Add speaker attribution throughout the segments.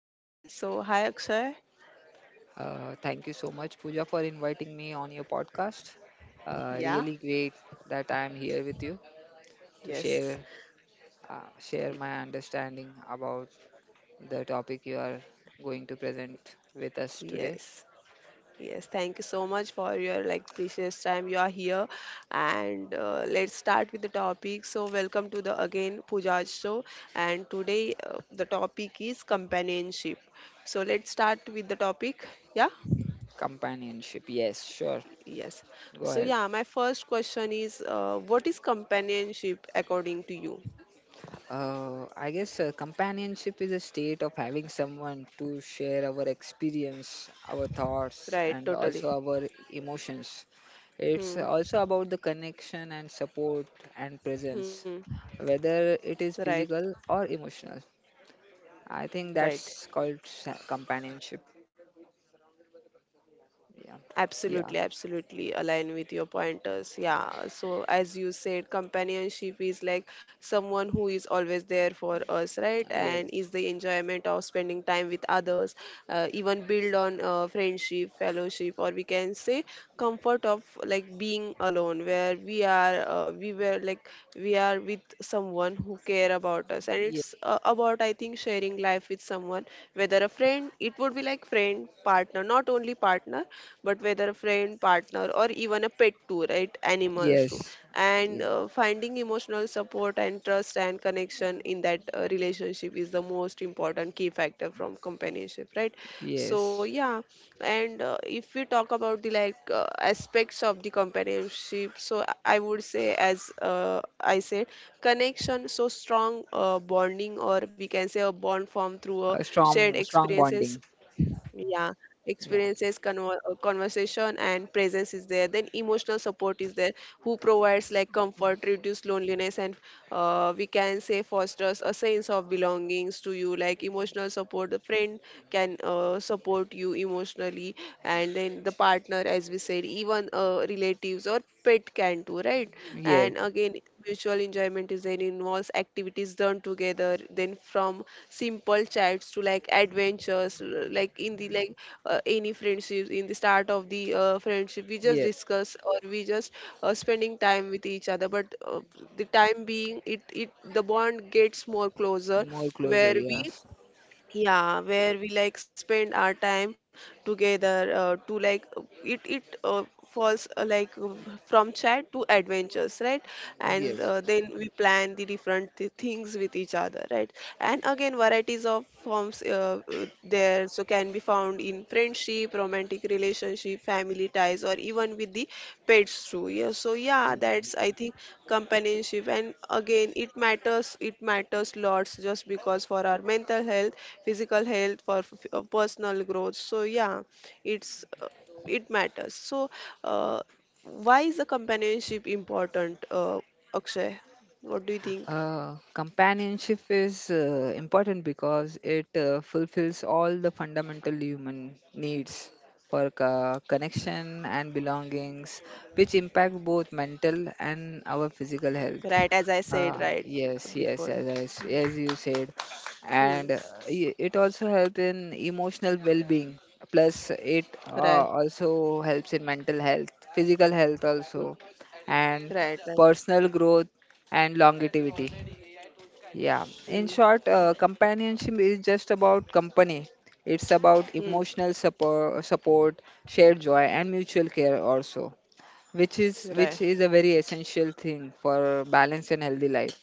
Speaker 1: Akshay. So hi, Akshay.
Speaker 2: Thank you so much, Pooja, for inviting me on your podcast.
Speaker 1: Yeah.
Speaker 2: Really great that I am here with you to
Speaker 1: Yes.
Speaker 2: share share my understanding about the topic you are going to present with us today.
Speaker 1: Yes. Yes, thank you so much for your like precious time you are here, and let's start with the topic. So welcome to the again Pooja show, and today the topic is companionship. So let's start with the topic. Yeah,
Speaker 2: Companionship. Yes, sure.
Speaker 1: yes.
Speaker 2: Go
Speaker 1: So
Speaker 2: ahead.
Speaker 1: yeah, my first question is, what is companionship according to you?
Speaker 2: I guess companionship is a state of having someone to share our experience, our thoughts,
Speaker 1: Right,
Speaker 2: and
Speaker 1: totally.
Speaker 2: also our emotions. It's
Speaker 1: Hmm.
Speaker 2: also about the connection and support and
Speaker 1: Hmm.
Speaker 2: presence, whether it is
Speaker 1: Right.
Speaker 2: physical or emotional. I think
Speaker 1: Right.
Speaker 2: that's called companionship. Yeah, yeah,
Speaker 1: Absolutely, absolutely align with your pointers.
Speaker 2: yeah.
Speaker 1: Yeah. So as you said, companionship is like someone who is always there for us, right? And is
Speaker 2: Yes,
Speaker 1: the enjoyment of spending time with others, even build on friendship, fellowship, or we can say comfort of like being alone, where we are, we were like we are with someone who care about us, and
Speaker 2: Ye-
Speaker 1: it's about I think sharing life with someone, whether a friend. It would be like friend partner, not only partner, but whether a friend partner or even a pet too, right? Animals too.
Speaker 2: yes,
Speaker 1: And
Speaker 2: Ye-
Speaker 1: finding emotional support and trust and connection in that relationship is the most important key factor from companionship, right? So
Speaker 2: yes.
Speaker 1: yeah. And if we talk about the like aspects of the companionship, so I would say, as I said connection. So strong bonding, or we can say a bond formed through a
Speaker 2: A
Speaker 1: shared
Speaker 2: strong, strong
Speaker 1: experiences.
Speaker 2: bonding.
Speaker 1: Yeah,
Speaker 2: Yeah,
Speaker 1: experiences, conversation, and presence is there. Then emotional support is there, who provides like comfort, reduce loneliness. And we can say fosters a sense of belongings to you. Like emotional support, the friend can support you emotionally. And then the partner, as we said, even relatives or pet can too, right?
Speaker 2: yes,
Speaker 1: And again, Mutual enjoyment is design involves activities done together, then from simple chats to like adventures, l- like in the like any friendships. In the start of the friendship, we just
Speaker 2: yes.
Speaker 1: discuss, or we just spending time with each other. But the time being, it the bond gets more closer,
Speaker 2: More
Speaker 1: where
Speaker 2: closer.
Speaker 1: we —
Speaker 2: Yeah.
Speaker 1: yeah, where we like spend our time together to like it it falls from chat to adventures, right? And
Speaker 2: Yes.
Speaker 1: then we plan the different things with each other, right? And again, varieties of forms there, so can be found in friendship, romantic relationship, family ties, or even with the pets too. Yeah, so yeah, that's I think companionship. And again, it matters. It matters lots just because for our mental health, physical health, for personal growth. So yeah, it's uh, it matters. So uh, why is the companionship important, Akshay? What do you think?
Speaker 2: Companionship is important because it fulfills all the fundamental human needs for connection and belongings, which impact both mental and our physical health.
Speaker 1: Right, as I said right
Speaker 2: Yes, yes,
Speaker 1: before.
Speaker 2: as,
Speaker 1: Hmm.
Speaker 2: as you said,
Speaker 1: Hmm.
Speaker 2: and it also helps in emotional well-being. Plus, it
Speaker 1: Right,
Speaker 2: also helps in mental health, physical health also, and
Speaker 1: right, right.
Speaker 2: personal growth and longevity. Yeah.
Speaker 1: Hmm,
Speaker 2: In short,
Speaker 1: right.
Speaker 2: companionship is just about company. It's about
Speaker 1: Hmm,
Speaker 2: emotional support, shared joy, and mutual care also, which is which
Speaker 1: right.
Speaker 2: is a very essential thing for balanced and healthy life.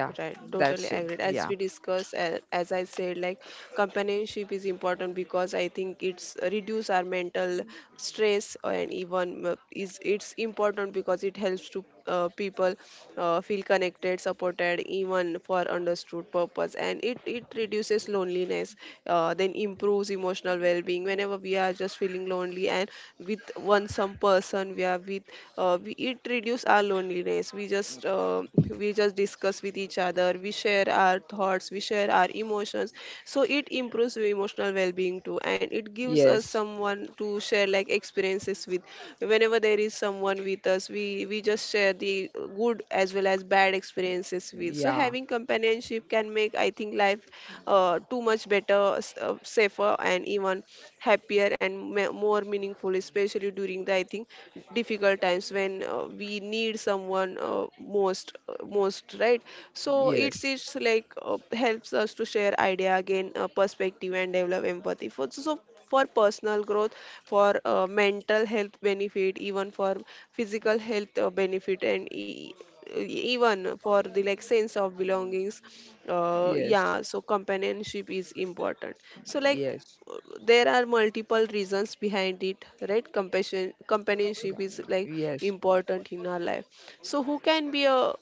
Speaker 2: Yeah,
Speaker 1: Right. Totally
Speaker 2: that's it.
Speaker 1: agreed. As
Speaker 2: Yeah.
Speaker 1: we discussed, as I said, like companionship is important because I think it's reduce our mental stress. And even is it's important because it helps to people feel connected, supported, even for understood purpose. And it reduces loneliness. Then improves emotional well-being. Whenever we are just feeling lonely, and with one some person we are with, it reduces reduce our loneliness. We just discuss with each other, we share our thoughts, we share our emotions. So it improves the emotional well-being too. And it gives us
Speaker 2: Yes.
Speaker 1: someone to share like experiences with. Whenever there is someone with us, we just share the good as well as bad experiences with. So
Speaker 2: Yeah.
Speaker 1: having companionship can make, I think, life too much better, safer, and even happier, and more meaningful, especially, during the, I think, difficult times, when we need someone most, right? So it's
Speaker 2: Yes.
Speaker 1: it's like helps us to share idea, gain perspective, and develop empathy. For, so for personal growth, for mental health benefit, even for physical health benefit, and even for the like sense of belongings
Speaker 2: Yes.
Speaker 1: yeah. So companionship is important. So like
Speaker 2: Yes.
Speaker 1: there are multiple reasons behind it, right? compassion Companionship is like
Speaker 2: Yes.
Speaker 1: important in our life. So who can be a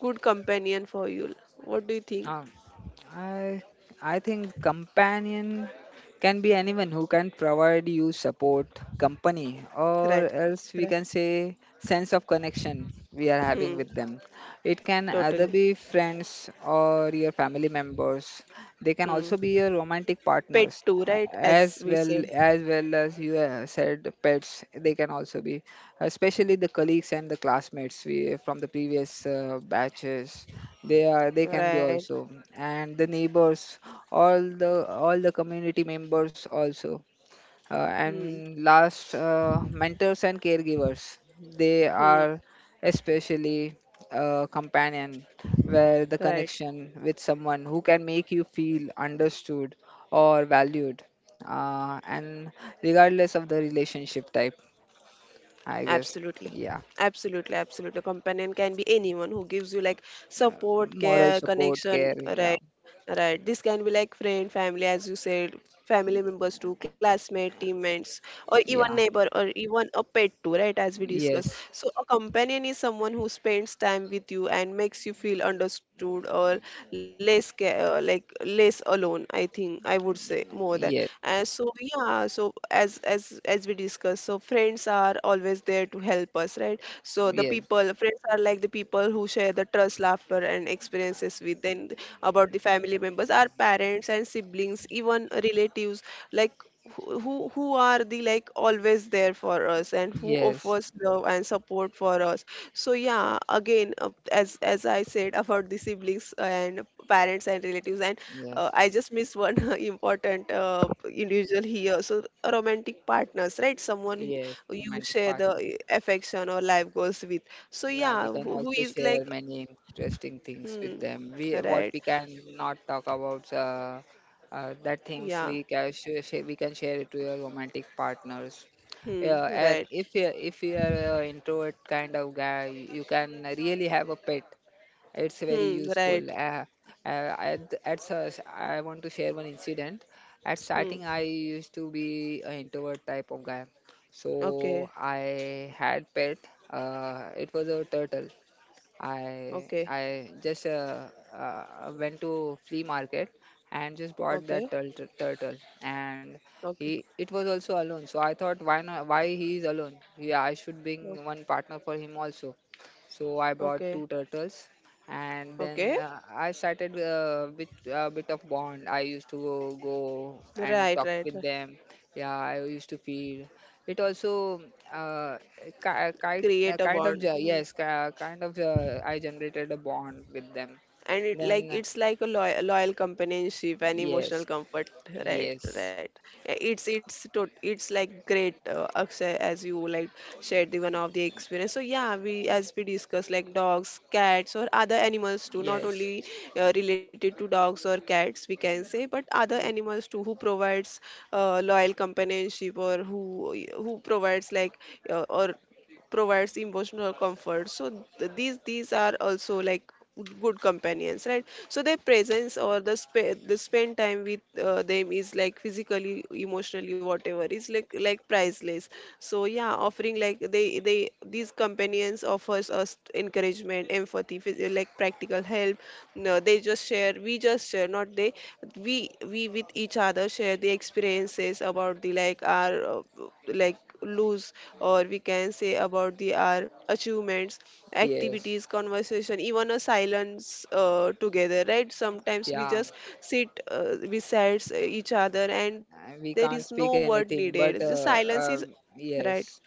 Speaker 1: good companion for you? What do you think?
Speaker 2: Um, I I think companion can be anyone who can provide you support, company,
Speaker 1: Right.
Speaker 2: or else
Speaker 1: Right.
Speaker 2: we can say sense of connection we are having
Speaker 1: Hmm,
Speaker 2: with them. It can
Speaker 1: totally.
Speaker 2: either be friends or your family members. They can
Speaker 1: Hmm.
Speaker 2: also be your romantic
Speaker 1: Pet
Speaker 2: partners,
Speaker 1: too, right? As
Speaker 2: as
Speaker 1: we
Speaker 2: well
Speaker 1: said.
Speaker 2: as well as you said pets. They can also be especially the colleagues and the classmates we, from the previous batches. They can be
Speaker 1: Right.
Speaker 2: also, and the neighbors, all the community members also, uh,
Speaker 1: Hmm.
Speaker 2: and last mentors and caregivers. They
Speaker 1: Hmm.
Speaker 2: are especially a companion where the
Speaker 1: Right.
Speaker 2: connection with someone who can make you feel understood or valued, and regardless of the relationship type, I guess.
Speaker 1: Absolutely.
Speaker 2: Yeah,
Speaker 1: Absolutely, absolutely. A Companion can be anyone who gives you like support,
Speaker 2: moral
Speaker 1: care,
Speaker 2: support
Speaker 1: connection,
Speaker 2: care. Yeah,
Speaker 1: right? Right. This can be like friend, family, as you said, family members too, classmate, teammates, or even
Speaker 2: yeah,
Speaker 1: neighbor, or even a pet too, right? As we discussed.
Speaker 2: yes,
Speaker 1: So a companion is someone who spends time with you and makes you feel understood, or less like less alone. I think I would say more than.
Speaker 2: yes,
Speaker 1: And so yeah. So as we discussed, so friends are always there to help us, right? So the
Speaker 2: yes,
Speaker 1: people, friends are like the people who share the trust, laughter, and experiences with. Then about the family members, our parents and siblings, even relatives, like who are the like always there for us, and who
Speaker 2: yes,
Speaker 1: offers love and support for us. So yeah, again, as I said, about the siblings and parents and relatives, and
Speaker 2: yes,
Speaker 1: I just missed one important individual here. So romantic partners, right? Someone
Speaker 2: yes.
Speaker 1: you
Speaker 2: Romantic
Speaker 1: share
Speaker 2: partner.
Speaker 1: the affection or life goals with. So
Speaker 2: Yeah, we
Speaker 1: yeah,
Speaker 2: can
Speaker 1: who
Speaker 2: also
Speaker 1: is
Speaker 2: share
Speaker 1: like,
Speaker 2: many interesting things with
Speaker 1: hmm,
Speaker 2: them. We what
Speaker 1: right,
Speaker 2: we can not talk about, that things
Speaker 1: yeah,
Speaker 2: we can share it to your romantic partners.
Speaker 1: hmm,
Speaker 2: Yeah, and
Speaker 1: right,
Speaker 2: if you are an introvert kind of guy, you can really have a pet. It's very
Speaker 1: hmm,
Speaker 2: useful.
Speaker 1: right,
Speaker 2: I want to share one incident. At
Speaker 1: hmm,
Speaker 2: starting, I used to be an introvert type of guy, so
Speaker 1: okay,
Speaker 2: I had pet. It was a turtle. I
Speaker 1: okay,
Speaker 2: I just went to flea market, and just bought
Speaker 1: okay,
Speaker 2: that turtle. And
Speaker 1: okay,
Speaker 2: he it was also alone, so I thought, why not, why he is alone, yeah, I should bring one partner for him also. So I bought
Speaker 1: okay, okay,
Speaker 2: two turtles. And then,
Speaker 1: okay,
Speaker 2: I started, with a bit of bond, I used to go and
Speaker 1: right,
Speaker 2: talk
Speaker 1: right,
Speaker 2: with
Speaker 1: right.
Speaker 2: them. Yeah, I used to feed it also. uh,
Speaker 1: Create a
Speaker 2: Kind
Speaker 1: bond.
Speaker 2: of
Speaker 1: Hmm.
Speaker 2: yes, kind of, I generated a bond with them.
Speaker 1: And
Speaker 2: Then
Speaker 1: it's like a loyal, companionship and emotional
Speaker 2: yes,
Speaker 1: comfort. Right,
Speaker 2: yes,
Speaker 1: right. Yeah, it's like great, Akshay, as you like shared the one of the experience. So yeah, we,
Speaker 2: yeah,
Speaker 1: as we discussed, like dogs, cats, or other animals too, not
Speaker 2: yes,
Speaker 1: only related to dogs or cats, we can say, but other
Speaker 2: ye-
Speaker 1: animals too, who provides loyal companionship, or who provides like or provides emotional comfort. So these are also like good companions, right? So their presence, or the spend time with them is like physically, emotionally, whatever, is like priceless. So yeah, offering like they these companions offers us encouragement, empathy, like practical help. No, they just share, we just share, not they. We with each other share the experiences about the like our like lose, or we can say about the our achievements,
Speaker 2: yes,
Speaker 1: activities, conversation, even a silence together, right? Sometimes we
Speaker 2: yeah.
Speaker 1: just sit besides each other, and there is
Speaker 2: We
Speaker 1: no
Speaker 2: can't
Speaker 1: word
Speaker 2: speak
Speaker 1: needed,
Speaker 2: anything,
Speaker 1: just
Speaker 2: but
Speaker 1: silence is —
Speaker 2: uh,
Speaker 1: right,
Speaker 2: yes,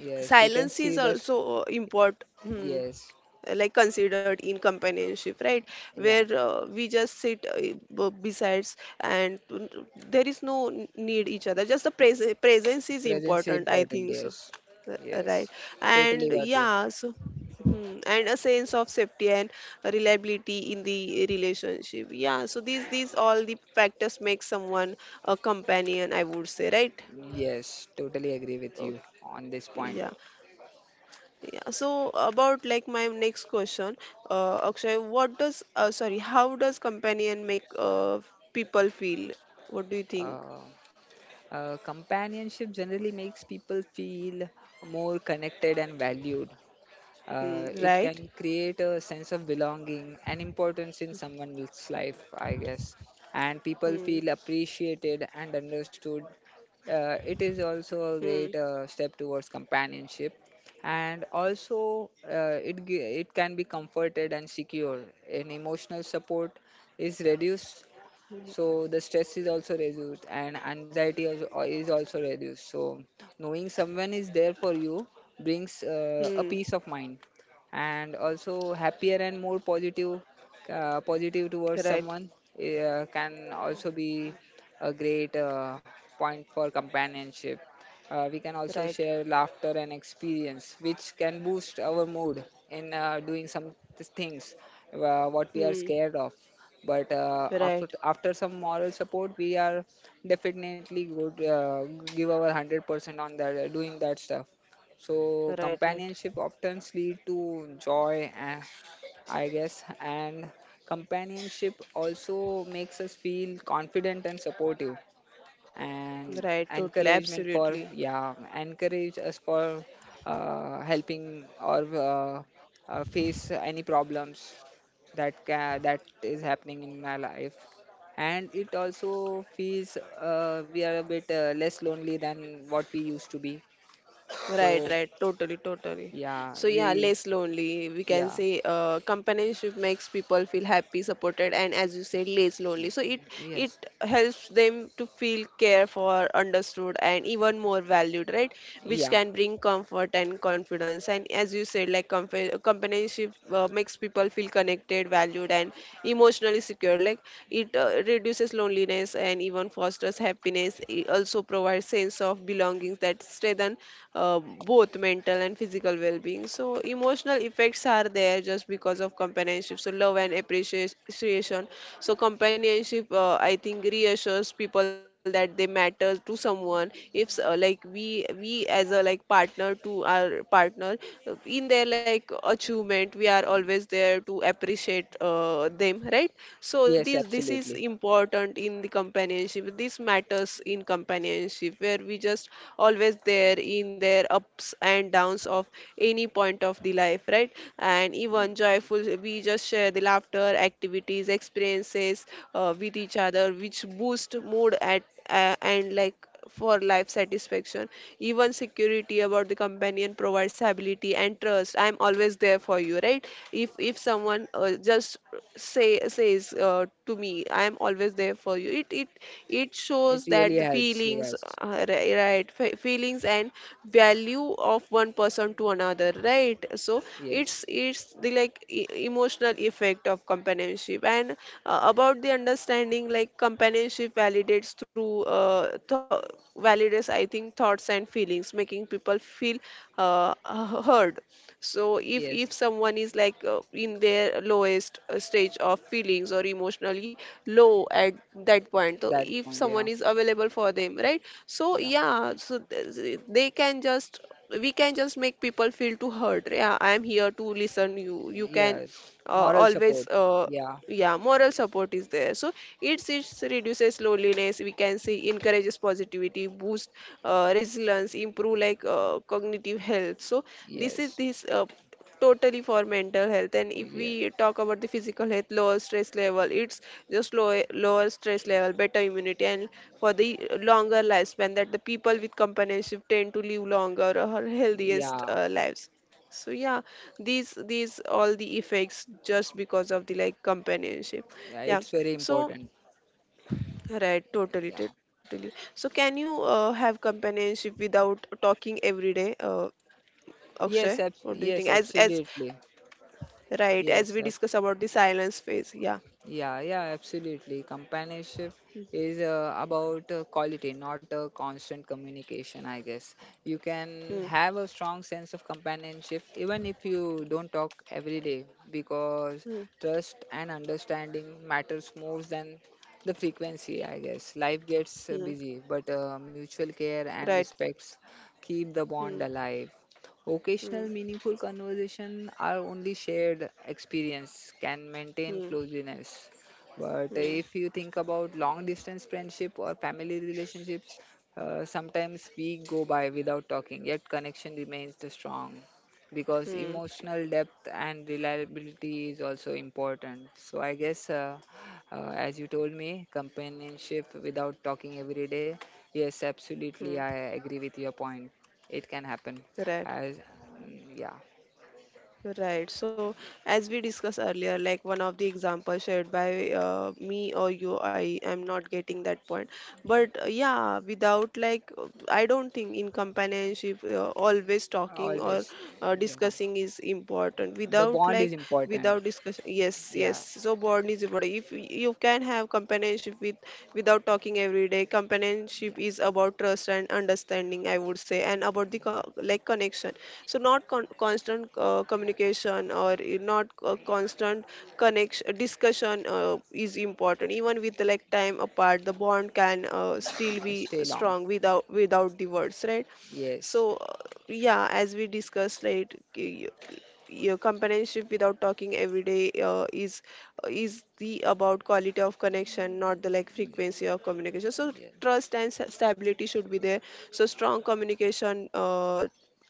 Speaker 2: yes, we
Speaker 1: is
Speaker 2: can see the
Speaker 1: also important. Hmm,
Speaker 2: yes,
Speaker 1: like considered in companionship, right? Where
Speaker 2: yeah,
Speaker 1: we just sit besides, and there is no need each other, just the presence is
Speaker 2: presence is
Speaker 1: important, I
Speaker 2: important,
Speaker 1: think. So
Speaker 2: yes, yes,
Speaker 1: Right.
Speaker 2: totally
Speaker 1: And
Speaker 2: got you,
Speaker 1: yeah. So hmm, and a sense of safety and reliability in the relationship. Yeah, so these all the factors make someone a companion, I would say, right?
Speaker 2: yes, totally agree with
Speaker 1: Okay,
Speaker 2: you on this point.
Speaker 1: yeah. Yeah, so about like my next question, Akshay, what does how does companion make people feel? What do you think?
Speaker 2: uh, Companionship generally makes people feel more connected and valued.
Speaker 1: Hmm,
Speaker 2: It can
Speaker 1: right?
Speaker 2: create a sense of belonging and importance in someone else's life, I guess. And people
Speaker 1: Hmm,
Speaker 2: feel appreciated and understood. It is also
Speaker 1: hmm,
Speaker 2: a great step towards companionship. And also, it can be comforted and secure. An emotional support is reduced, so the stress is also reduced and anxiety also, is also reduced. So knowing someone is there for you brings a
Speaker 1: hmm,
Speaker 2: peace of mind, and also happier and more positive towards
Speaker 1: right,
Speaker 2: someone, can also be a great point for companionship. We can also
Speaker 1: right,
Speaker 2: share laughter and experience which can boost our mood in doing some things, what we are
Speaker 1: hmm,
Speaker 2: scared of. But, uh,
Speaker 1: right,
Speaker 2: after after some moral support, we are definitely good, give our 100% on that, doing that stuff. So
Speaker 1: right, right,
Speaker 2: companionship often lead to joy and, I guess, and companionship also makes us feel confident and supportive and
Speaker 1: right, totally,
Speaker 2: encouragement
Speaker 1: absolutely.
Speaker 2: for, yeah, encourage us for, helping, or, face any problems that is happening in my life. And it also feels, we are a bit less lonely than what we used to be. So
Speaker 1: Right, right, totally, totally.
Speaker 2: yeah,
Speaker 1: So yeah,
Speaker 2: we,
Speaker 1: less lonely. We can
Speaker 2: yeah,
Speaker 1: say companionship makes people feel happy, supported, and, as you said, less lonely. So it
Speaker 2: yes,
Speaker 1: helps them to feel cared for, understood, and even more valued, right? Which
Speaker 2: yeah,
Speaker 1: can bring comfort and confidence. And as you said, like companionship makes people feel connected, valued, and emotionally secure. Like it reduces loneliness, and even fosters happiness. It also provides sense of belonging that strengthen both mental and physical well-being. So emotional effects are there just because of companionship. So love and appreciation. So companionship, I think, reassures people that they matter to someone. If like we as a like partner to our partner in their like achievement, we are always there to appreciate, motivate them, right? So
Speaker 2: yes,
Speaker 1: this is
Speaker 2: absolutely.
Speaker 1: important in the companionship. This matters in companionship, where we just always there in their ups and downs of any point of the life, right? And
Speaker 2: Mm.
Speaker 1: even joyful, we just share the laughter, activities, experiences with each other, which boost mood at and like for life satisfaction. Even security about the companion provides stability and trust. I'm always there for you, right? If someone just say says to me, I'm always there for you. It
Speaker 2: It
Speaker 1: shows that
Speaker 2: really
Speaker 1: the
Speaker 2: helps.
Speaker 1: feelings,
Speaker 2: Yes,
Speaker 1: right? Feelings and value of one person to another, right? So
Speaker 2: yes,
Speaker 1: it's the like emotional effect of companionship and about the understanding like companionship validates through validates I think thoughts and feelings making people feel heard. So if
Speaker 2: yes,
Speaker 1: if someone is like in their lowest stage of feelings or emotionally low at that point, so
Speaker 2: that
Speaker 1: if
Speaker 2: point. Yeah,
Speaker 1: someone is available for them, right? So
Speaker 2: yeah.
Speaker 1: yeah, so they can just, we can just make people feel to heard. Yeah, I am here to listen. You can
Speaker 2: Yes, moral
Speaker 1: always
Speaker 2: support. Yeah,
Speaker 1: yeah, moral support is there. So it's reduces loneliness, we can say, encourages positivity, boost resilience, improve cognitive health. So this is
Speaker 2: yes,
Speaker 1: this uh, totally for mental health. And if
Speaker 2: yeah,
Speaker 1: we talk about the physical health, lower stress level, it's just lower stress level, better immunity, and for the longer lifespan, that the people with companionship tend to live longer or healthiest
Speaker 2: yeah,
Speaker 1: lives. So yeah, these all the effects just because of the like companionship.
Speaker 2: yeah.
Speaker 1: Yeah,
Speaker 2: It's very
Speaker 1: so
Speaker 2: important.
Speaker 1: right, totally,
Speaker 2: Yeah.
Speaker 1: totally. So can you have companionship without talking every day, Akshay?
Speaker 2: Yes, abs
Speaker 1: What do you think?
Speaker 2: yes,
Speaker 1: As
Speaker 2: absolutely.
Speaker 1: right, as we
Speaker 2: Yes,
Speaker 1: discuss about the silence phase. Yeah.
Speaker 2: yeah, yeah, absolutely. Companionship is about quality, not a constant communication, I guess. You can
Speaker 1: Hmm.
Speaker 2: have a strong sense of companionship even if you don't talk every day, because
Speaker 1: Hmm.
Speaker 2: trust and understanding matters more than the frequency, I guess. Life gets
Speaker 1: Hmm.
Speaker 2: busy, but mutual care and
Speaker 1: Right.
Speaker 2: respects keep the bond
Speaker 1: Hmm.
Speaker 2: alive. Occasional
Speaker 1: Hmm.
Speaker 2: meaningful conversation are only shared experience can maintain
Speaker 1: Hmm.
Speaker 2: closeness. But
Speaker 1: Hmm.
Speaker 2: if you think about long distance friendship or family relationships, sometimes we go by without talking, yet connection remains the strong, because
Speaker 1: Hmm.
Speaker 2: emotional depth and reliability is also important. So I guess, as you told me, companionship without talking every day. Yes, absolutely,
Speaker 1: Hmm.
Speaker 2: I agree with your point. It can happen.
Speaker 1: Right.
Speaker 2: As, mm, yeah,
Speaker 1: Right. So, as we discussed earlier, like one of the examples shared by me or you, I am not getting that point. But yeah, without like, I don't think in companionship, always talking or
Speaker 2: always, yeah.
Speaker 1: discussing is important.
Speaker 2: The
Speaker 1: Without
Speaker 2: bond
Speaker 1: like,
Speaker 2: is important.
Speaker 1: without discussion, yes, yes.
Speaker 2: Yeah,
Speaker 1: So, bond is important. If you can have companionship with without talking every day,
Speaker 2: yeah,
Speaker 1: companionship is about trust and understanding, I would say, and about the like connection. So not constant communication, or not constant connection discussion is important. Even with like time apart, the bond can still
Speaker 2: yeah.
Speaker 1: be
Speaker 2: Stay long.
Speaker 1: strong without the words, right?
Speaker 2: Yes.
Speaker 1: So uh, yeah, as we discussed, like y- y- your companionship without talking every day uh, is is the about quality of connection, not the like
Speaker 2: Mm,
Speaker 1: frequency of communication. So
Speaker 2: yeah,
Speaker 1: trust and stability should be there. So strong communication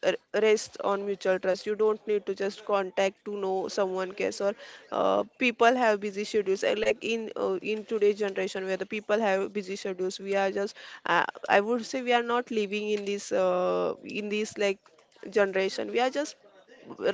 Speaker 1: rests on mutual trust. You don't need to just contact to know someone cares, or people have busy schedules. Like in today's generation where the people have busy schedules, we are just I would say we are not living in this like generation. We are just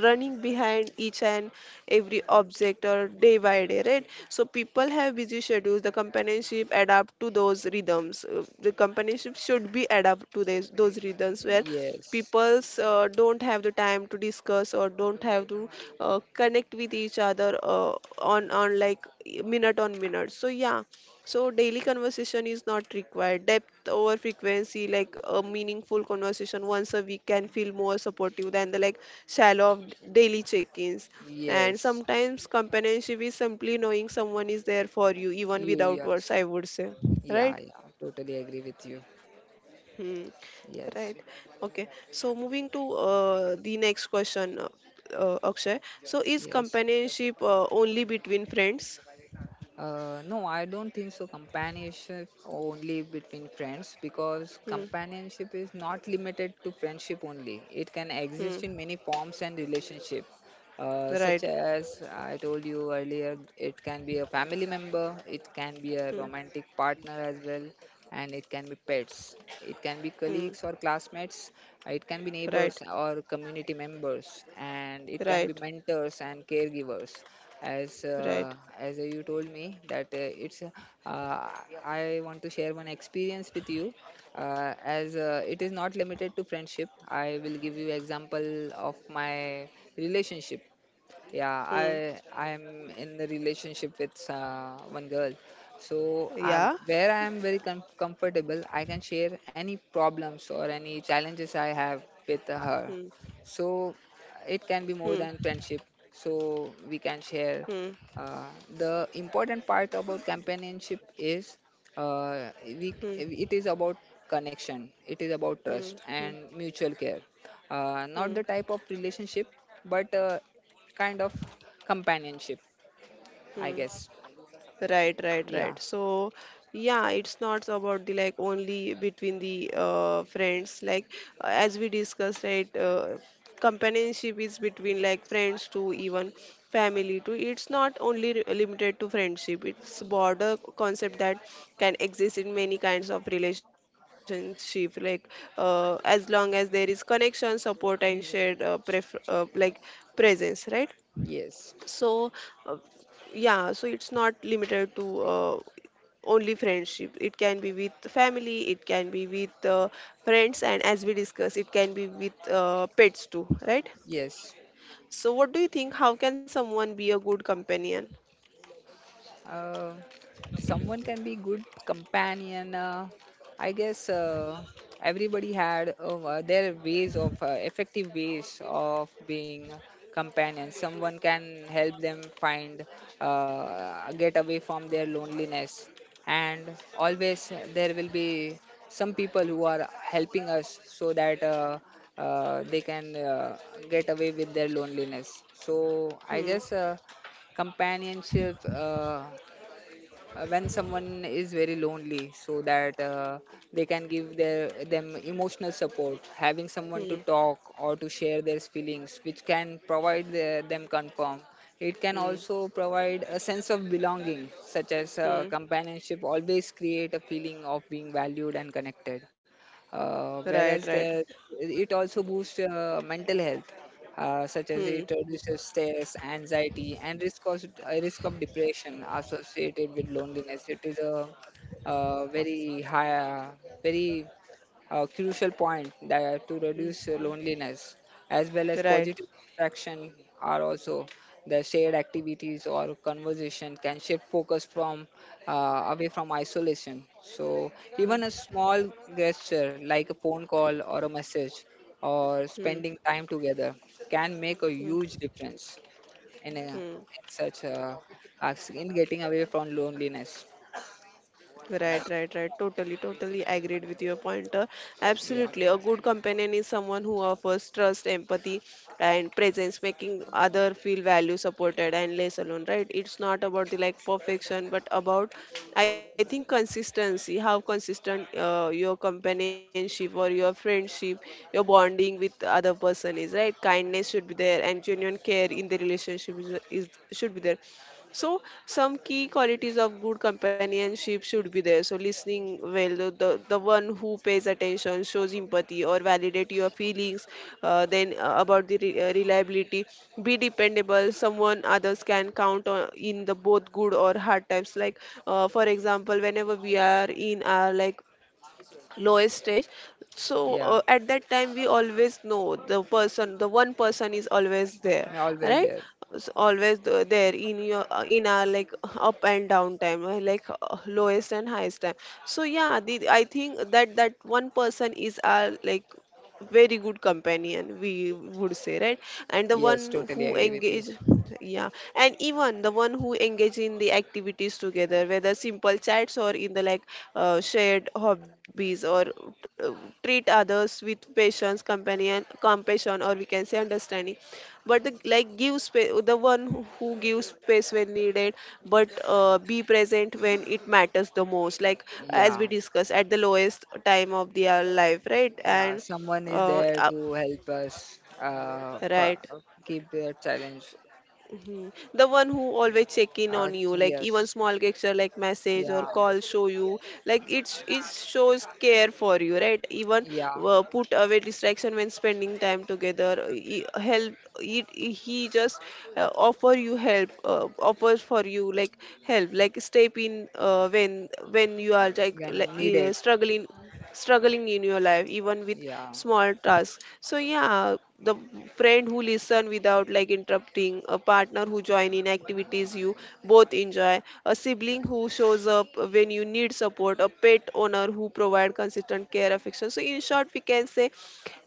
Speaker 1: running behind each and every object or day by day, right? So people have busy schedules, the companionship adapt to those rhythms. The companionship should be adapt to these those rhythms where
Speaker 2: yes.
Speaker 1: people's don't have the time to discuss or don't have to connect with each other on like minute on minute. So yeah, so daily conversation is not required. Depth over frequency, like a meaningful conversation once a week can feel more supportive than the like shallow of daily check-ins. And
Speaker 2: Yes.
Speaker 1: sometimes companionship is simply knowing someone is there for you even
Speaker 2: You
Speaker 1: without words,
Speaker 2: yes.
Speaker 1: I would say.
Speaker 2: Yeah,
Speaker 1: Right?
Speaker 2: yeah. Totally agree with you.
Speaker 1: Hmm. Right.
Speaker 2: Yes.
Speaker 1: Okay. So moving to the next question, Akshay. So is
Speaker 2: Yes.
Speaker 1: companionship only between friends?
Speaker 2: No, I don't think so. Companionship only between friends, because
Speaker 1: Hmm.
Speaker 2: companionship is not limited to friendship only. It can
Speaker 1: Hmm.
Speaker 2: exist in many forms and relationship. Such
Speaker 1: Right.
Speaker 2: as I told you earlier, it can be a family member, it can be a
Speaker 1: Hmm.
Speaker 2: romantic partner as well, and it can be pets, it can be
Speaker 1: Hmm.
Speaker 2: colleagues or classmates, it can be
Speaker 1: Right.
Speaker 2: neighbors or community members, and it can
Speaker 1: Right.
Speaker 2: be mentors and caregivers. As
Speaker 1: Right.
Speaker 2: uh, as you told me that, I want to share one experience with you. As, it is not limited to friendship, I will give you example of my relationship. Yeah,
Speaker 1: Hmm.
Speaker 2: I'm in a relationship with, one girl. So I,
Speaker 1: Yeah.
Speaker 2: where I am very comfortable, I can share any problems or any challenges I have with
Speaker 1: Hmm.
Speaker 2: her. So it
Speaker 1: Hmm.
Speaker 2: can be more than friendship, so we can
Speaker 1: Hmm.
Speaker 2: share. uh, the important part about companionship is,
Speaker 1: Hmm.
Speaker 2: we it is about connection, it is about
Speaker 1: Hmm.
Speaker 2: trust
Speaker 1: Hmm.
Speaker 2: and mutual care, not
Speaker 1: Hmm.
Speaker 2: the type of relationship, but, kind of companionship, I
Speaker 1: Hmm.
Speaker 2: guess.
Speaker 1: Right, right,
Speaker 2: Yeah.
Speaker 1: right. So, yeah, it's not about the like only between the friends. Like as we discussed, right, companionship is between like friends to even family too. It's not only limited to friendship. It's broader concept that can exist in many kinds of relationship. Like as long as there is connection, support, and shared
Speaker 2: Mhm.
Speaker 1: pref like presence, right?
Speaker 2: Yes.
Speaker 1: So uh, yeah, so it's not limited to only friendship. It can be with family, it can be with friends, and as we discussed, it can be with pets too, right?
Speaker 2: Yes.
Speaker 1: So what do you think, how can someone be a good companion?
Speaker 2: Uh, Someone can be good companion. I guess, everybody had, their ways of effective ways of being companion. Someone can help them find get away from their loneliness, and always there will be some people who are helping us so that. They can get away with their loneliness. So I guess,
Speaker 1: Hmm.
Speaker 2: companionship. When someone is very lonely, so that they can give their them emotional support, having someone to
Speaker 1: Hmm.
Speaker 2: talk or to share their feelings, which can provide them confirm. It can
Speaker 1: Hmm.
Speaker 2: also provide a sense of belonging, such as,
Speaker 1: Hmm.
Speaker 2: companionship always create a feeling of being valued and connected.
Speaker 1: Right.
Speaker 2: Whereas
Speaker 1: Right.
Speaker 2: there, it also boosts mental health, such as
Speaker 1: Hmm.
Speaker 2: it reduces stress, anxiety, and risk of depression associated with loneliness. It is a, very high, very a crucial point that to
Speaker 1: Hmm.
Speaker 2: reduce loneliness, as well as
Speaker 1: Right.
Speaker 2: positive distraction are also the shared activities or conversation can shift focus from uh, away from isolation. So even
Speaker 1: Hmm.
Speaker 2: a small gesture like a phone call or a message or
Speaker 1: Hmm.
Speaker 2: spending time together can make a
Speaker 1: Hmm.
Speaker 2: huge difference in, a,
Speaker 1: Hmm.
Speaker 2: in such a in getting away from loneliness.
Speaker 1: Right, right, right. Totally, totally agreed with your point.
Speaker 2: Yeah,
Speaker 1: Absolutely. A good companion is someone who offers trust, empathy, and presence, making other feel value, supported, and less alone, right? It's not about the like perfection, but about, I think, consistency, how consistent your companionship or your friendship, your bonding with the other person is, right? Kindness should be there, and genuine care in the relationship is should be there. So, some key qualities of good companionship should be there. So, listening well, the, the one who pays attention, shows empathy, or validate your feelings. Then, about the reliability, be dependable, someone others can count on in the both good or hard times. Like, for example, whenever we are in our like lowest stage, so
Speaker 2: yeah.
Speaker 1: at that time we always know the person, the one person is always there,
Speaker 2: I'm always
Speaker 1: right?
Speaker 2: there.
Speaker 1: Always there in your in our like up and down time like lowest and highest time. So yeah, the, I think that that one person is our like very good companion, we would say, right? And the
Speaker 2: Yes,
Speaker 1: one
Speaker 2: totally
Speaker 1: who
Speaker 2: agree with you.
Speaker 1: engage, yeah, and even the one who engage in the activities together, whether simple chats or in the like shared hobbies, or uh, treat others with patience, companion compassion, or we can say understanding. But the like give space, the one who gives space when needed, but be present when it matters the most, like as
Speaker 2: Yeah,
Speaker 1: we discussed, at the lowest time of their life, right?
Speaker 2: yeah,
Speaker 1: And
Speaker 2: someone is
Speaker 1: uh,
Speaker 2: there
Speaker 1: uh,
Speaker 2: to help us, for,
Speaker 1: right.
Speaker 2: keep the challenge.
Speaker 1: The one who
Speaker 2: Yeah.
Speaker 1: always check in on you, like even
Speaker 2: Yes,
Speaker 1: small gesture like message or
Speaker 2: yeah,
Speaker 1: call show you, like it's it shows care for you, right? Even
Speaker 2: yeah.
Speaker 1: put away distraction when spending time together. He, help. It, he just offer you help, offers for you like help, like step in when you are
Speaker 2: uh,
Speaker 1: like, like
Speaker 2: when
Speaker 1: uh,
Speaker 2: needed.
Speaker 1: struggling in your life even with
Speaker 2: Yeah,
Speaker 1: small tasks. So yeah, the friend who listen without like interrupting, a partner who join in activities you both enjoy, a sibling who shows up when you need support, a pet owner who provide consistent care affection. So in short, we can say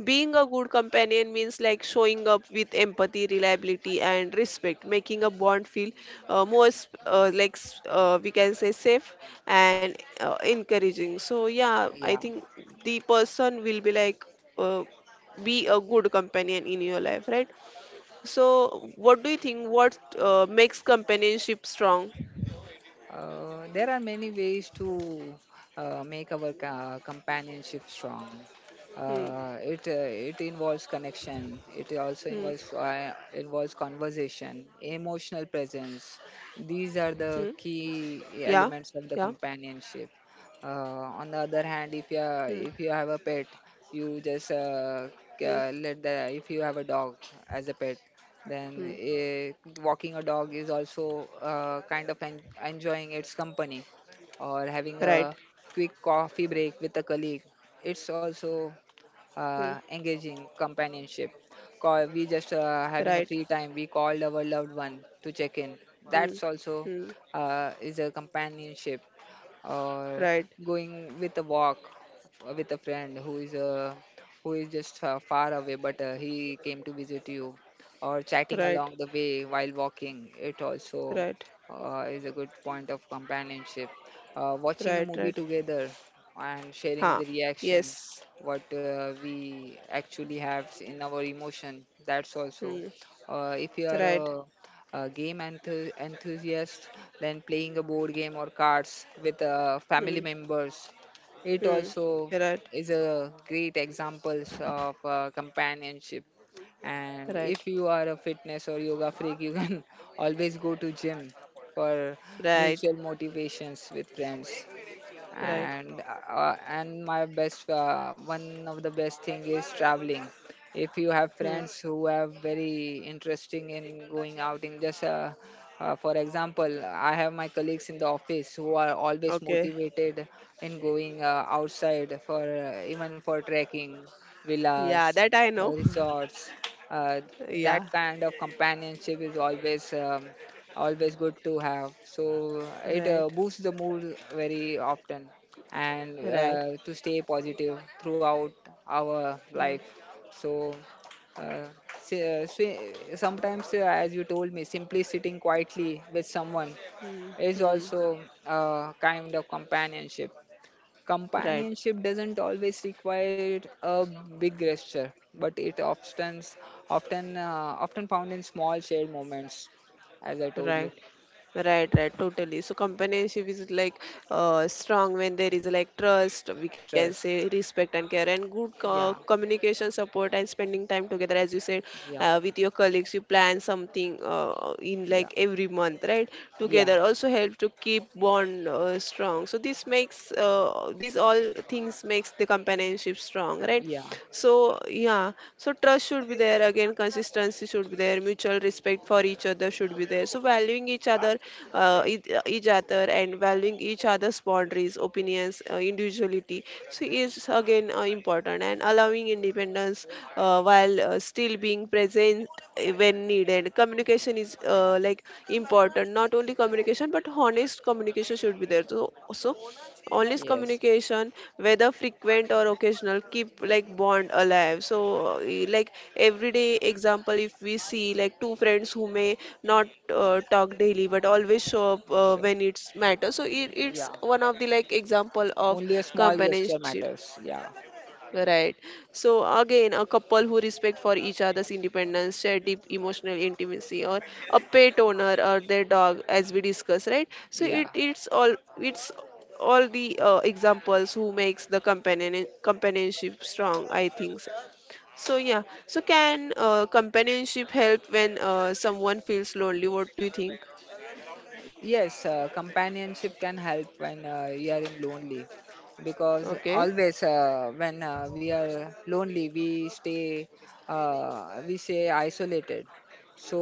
Speaker 1: being a good companion means like showing up with empathy, reliability, and respect, making a bond feel more s- like s- we can say safe and encouraging. So yeah, I
Speaker 2: yeah.
Speaker 1: think the person will be like uh, be a good companion in your life, right? So what do you think? What makes companionship strong?
Speaker 2: There are many ways to make our companionship strong.
Speaker 1: Hmm.
Speaker 2: Uh, it uh, it involves connection. It also
Speaker 1: Hmm.
Speaker 2: involves conversation, emotional
Speaker 1: Hmm.
Speaker 2: presence. These are
Speaker 1: Yeah.
Speaker 2: the key
Speaker 1: Yeah.
Speaker 2: elements of the companionship. On the other
Speaker 1: Hmm.
Speaker 2: hand, if you have a pet, you just
Speaker 1: Hmm.
Speaker 2: let the, if you have a dog as a pet,
Speaker 1: Hmm.
Speaker 2: then, walking a dog is also, kind of enjoying its company, or having
Speaker 1: Right.
Speaker 2: a quick coffee break with a colleague. It's also,
Speaker 1: Hmm.
Speaker 2: engaging companionship. We just,
Speaker 1: Right.
Speaker 2: having a free time. We called our loved one to check in.
Speaker 1: Hmm.
Speaker 2: That's also,
Speaker 1: Hmm.
Speaker 2: is a companionship, or
Speaker 1: Right,
Speaker 2: going with a walk with a friend who is just far away, but he came to visit you, or chatting
Speaker 1: right,
Speaker 2: along the way while walking. It also,
Speaker 1: right,
Speaker 2: is a good point of companionship. Watching a
Speaker 1: right,
Speaker 2: movie
Speaker 1: right.
Speaker 2: together and sharing
Speaker 1: Huh.
Speaker 2: the reaction,
Speaker 1: Yes.
Speaker 2: what we actually have in our emotion, that's also.
Speaker 1: Hmm.
Speaker 2: If you are
Speaker 1: Right.
Speaker 2: a game enthusiast, then playing a board game or cards with family
Speaker 1: Hmm.
Speaker 2: members, it
Speaker 1: Hmm.
Speaker 2: also
Speaker 1: Right.
Speaker 2: is a great examples of companionship. And
Speaker 1: Right.
Speaker 2: if you are a fitness or yoga freak, you can always go to gym for
Speaker 1: Right.
Speaker 2: mutual motivations with friends,
Speaker 1: Right.
Speaker 2: and my best, one of the best thing is traveling, if you have
Speaker 1: Hmm.
Speaker 2: friends who have very interesting in going out in just, for example, I have my colleagues in the office who are always
Speaker 1: Okay.
Speaker 2: motivated in going outside for, even for trekking,
Speaker 1: Yeah,
Speaker 2: villas,
Speaker 1: that I know.
Speaker 2: resorts, uh,
Speaker 1: Yeah.
Speaker 2: that kind of companionship is always good to have, so it
Speaker 1: Right.
Speaker 2: boosts the mood very often, and
Speaker 1: Right.
Speaker 2: to stay positive throughout our life. So, uh, si- uh, si- sometimes, as you told me, simply sitting quietly with someone
Speaker 1: Hmm.
Speaker 2: is
Speaker 1: Hmm.
Speaker 2: also a kind of companionship.
Speaker 1: Right.
Speaker 2: Companionship doesn't always require a big gesture, but it often found in small shared moments, as I told
Speaker 1: Right.
Speaker 2: you.
Speaker 1: Right, right, totally. So companionship is like strong when there is like trust, we can say
Speaker 2: Stress.
Speaker 1: respect and care, and good
Speaker 2: Yeah,
Speaker 1: communication, support, and spending time together. As you said,
Speaker 2: yeah,
Speaker 1: with your colleagues, you plan something in
Speaker 2: yeah,
Speaker 1: like every month, right?
Speaker 2: yeah,
Speaker 1: Together also help to keep bond strong. So this makes these all things makes the companionship strong, right?
Speaker 2: yeah.
Speaker 1: So yeah. So trust should be there again. Consistency should be there. Mutual respect for each other should be there. So valuing each other, each other, and valuing each other's boundaries, opinions, individuality. So is again important, and allowing independence while still being present when needed. Communication is like important. Not only communication, but honest communication should be there. So, so honest
Speaker 2: Yes,
Speaker 1: communication, whether frequent or occasional, keep like bond alive. So like everyday example, if we see like two friends who may not talk daily but always show up
Speaker 2: sure.
Speaker 1: when it's matter,
Speaker 2: Mm,
Speaker 1: so
Speaker 2: mm,
Speaker 1: it,
Speaker 2: mm, yeah.
Speaker 1: it's one of the like example of
Speaker 2: Only a small gesture
Speaker 1: companionship.
Speaker 2: matters. Yeah,
Speaker 1: Right. So again, a couple who respect for each other's independence, share deep emotional intimacy, or a pet owner or their dog, as we discuss, right? So it
Speaker 2: yeah.
Speaker 1: it's all, it's all the examples who makes the companion companionship strong, I think. So. So, yeah. So can companionship help when someone feels lonely? What do you think?
Speaker 2: Yes, companionship can help when you are in lonely, because
Speaker 1: Okay.
Speaker 2: always when we are lonely, we stay isolated. So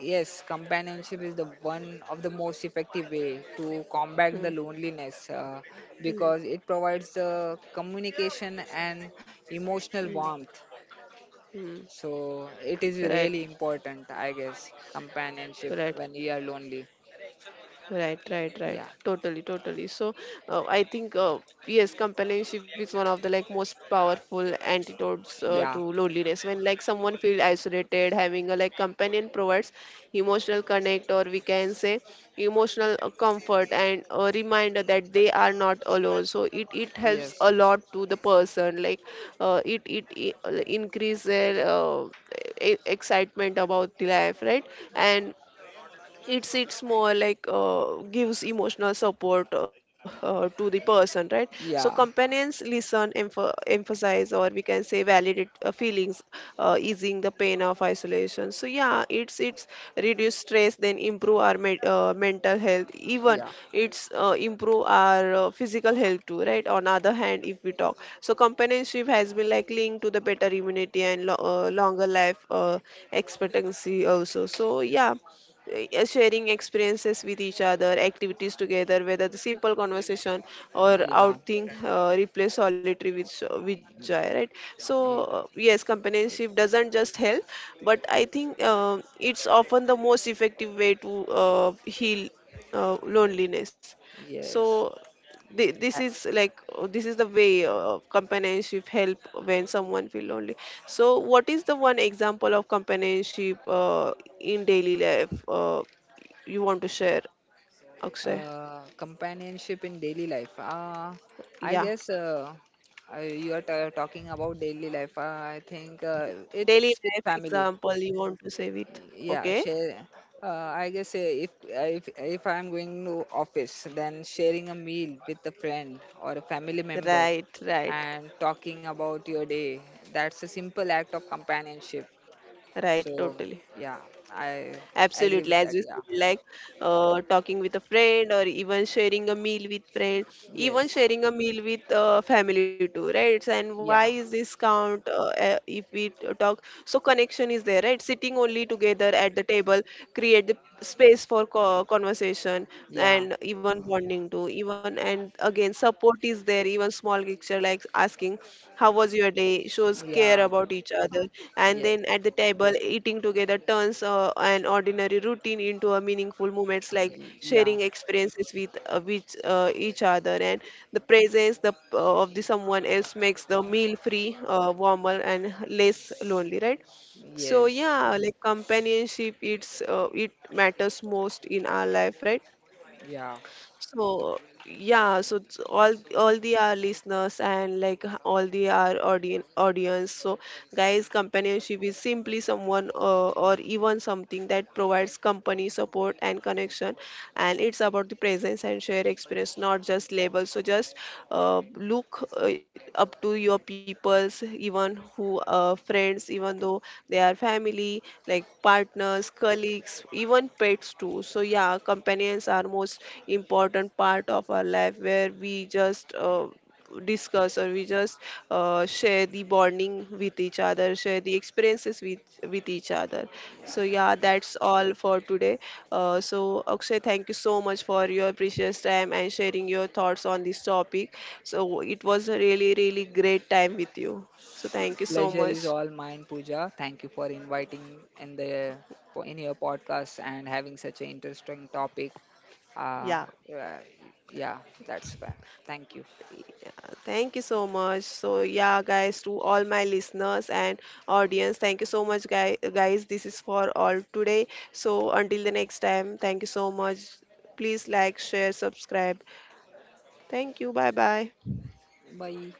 Speaker 2: yes, companionship is the one of the most effective way to combat the
Speaker 1: Mm,
Speaker 2: loneliness, because it provides the communication and emotional
Speaker 1: mm,
Speaker 2: warmth.
Speaker 1: mm.
Speaker 2: So it is
Speaker 1: Right.
Speaker 2: really important, I guess, companionship
Speaker 1: Right.
Speaker 2: when you are lonely.
Speaker 1: Right, right, right.
Speaker 2: Yeah,
Speaker 1: Totally, totally. So, I think yes, companionship is one of the like most powerful antidotes to
Speaker 2: yeah.
Speaker 1: loneliness. When like someone feels isolated, having a like companion provides emotional connect, or we can say emotional comfort and a reminder that they are not alone. So it helps
Speaker 2: Yes.
Speaker 1: a lot to the person. Like it it, it increase their excitement about the life, right? And it's more like gives emotional support to the person, right? So
Speaker 2: Yeah.
Speaker 1: companions listen, emphasize, or we can say validate feelings, easing the pain of isolation. So yeah, it's reduce stress, then improve our mental health. Even
Speaker 2: Yeah.
Speaker 1: it's improve our physical health too, right? On other hand, if we talk, so companionship has been like linked to the better immunity and longer life expectancy also. So yeah, sharing experiences with each other, activities together, whether the simple conversation or
Speaker 2: Yeah.
Speaker 1: outing replace solitary with with joy, right? So
Speaker 2: Yeah.
Speaker 1: yes, companionship
Speaker 2: y-
Speaker 1: doesn't just help, but I think it's often the most effective way to heal loneliness. So
Speaker 2: Yes.
Speaker 1: this
Speaker 2: A-
Speaker 1: is like this is the way of companionship help when someone feel lonely. So what is the one example of companionship in daily life you want to share, Akshay?
Speaker 2: Companionship in daily life. I
Speaker 1: Yeah,
Speaker 2: guess, you are ta talking about daily life. I think,
Speaker 1: daily
Speaker 2: it's with
Speaker 1: life
Speaker 2: family.
Speaker 1: example you want to say with,
Speaker 2: Yeah,
Speaker 1: okay,
Speaker 2: share. I guess, if, if I'm going to office, then sharing a meal with a friend or a family member
Speaker 1: right, right,
Speaker 2: and talking about your day. That's a simple act of companionship.
Speaker 1: right,
Speaker 2: So
Speaker 1: totally.
Speaker 2: yeah, I agree
Speaker 1: Absolutely,
Speaker 2: with
Speaker 1: as
Speaker 2: that.
Speaker 1: you
Speaker 2: Yeah.
Speaker 1: said, like talking with a friend or even sharing a meal with friend, even
Speaker 2: Yes.
Speaker 1: sharing a meal with family too, right? And why
Speaker 2: Yeah.
Speaker 1: is this count if we talk? So connection is there, right? Sitting only together at the table create the space for conversation
Speaker 2: Yeah.
Speaker 1: and even bonding too, even, and again support is there, even small gesture like asking how was your day shows care
Speaker 2: Yeah.
Speaker 1: about each other. And
Speaker 2: Yes.
Speaker 1: then at the table eating together turns an ordinary routine into a meaningful moments, like
Speaker 2: Yeah.
Speaker 1: sharing experiences with which each other, and the presence of the someone else makes the meal free warmer and less lonely, right? So
Speaker 2: Yes.
Speaker 1: yeah, like companionship, it's it matters most in our life, right?
Speaker 2: Yeah.
Speaker 1: So yeah, so it's all the our listeners and like all the our audience. So guys, companionship is simply someone or even something that provides company, support, and connection, and it's about the presence and shared experience, not just labels. So just look up to your peoples, even who friends, even though they are family, like partners, colleagues, even pets too. So yeah, companions are most important part of our life where we just discuss, or we just share the bonding with each other, share the experiences with each other.
Speaker 2: Yeah.
Speaker 1: So yeah, that's all for today. So Akshay, thank you so much for your precious time and sharing your thoughts on this topic. So it was a really really great time with you. So thank you so
Speaker 2: Pleasure is
Speaker 1: much.
Speaker 2: all mine, Pooja. Thank you for inviting in the in your podcast and having such an interesting topic. Uh,
Speaker 1: Yeah.
Speaker 2: uh yeah, that's fair. Thank you.
Speaker 1: Thank you so much. So yeah, guys, to all my listeners and audience, thank you so much, guys. Guys, this is for all today. So until the next time, thank you so much. Please like, share, subscribe. Thank you. Bye bye.
Speaker 2: Bye.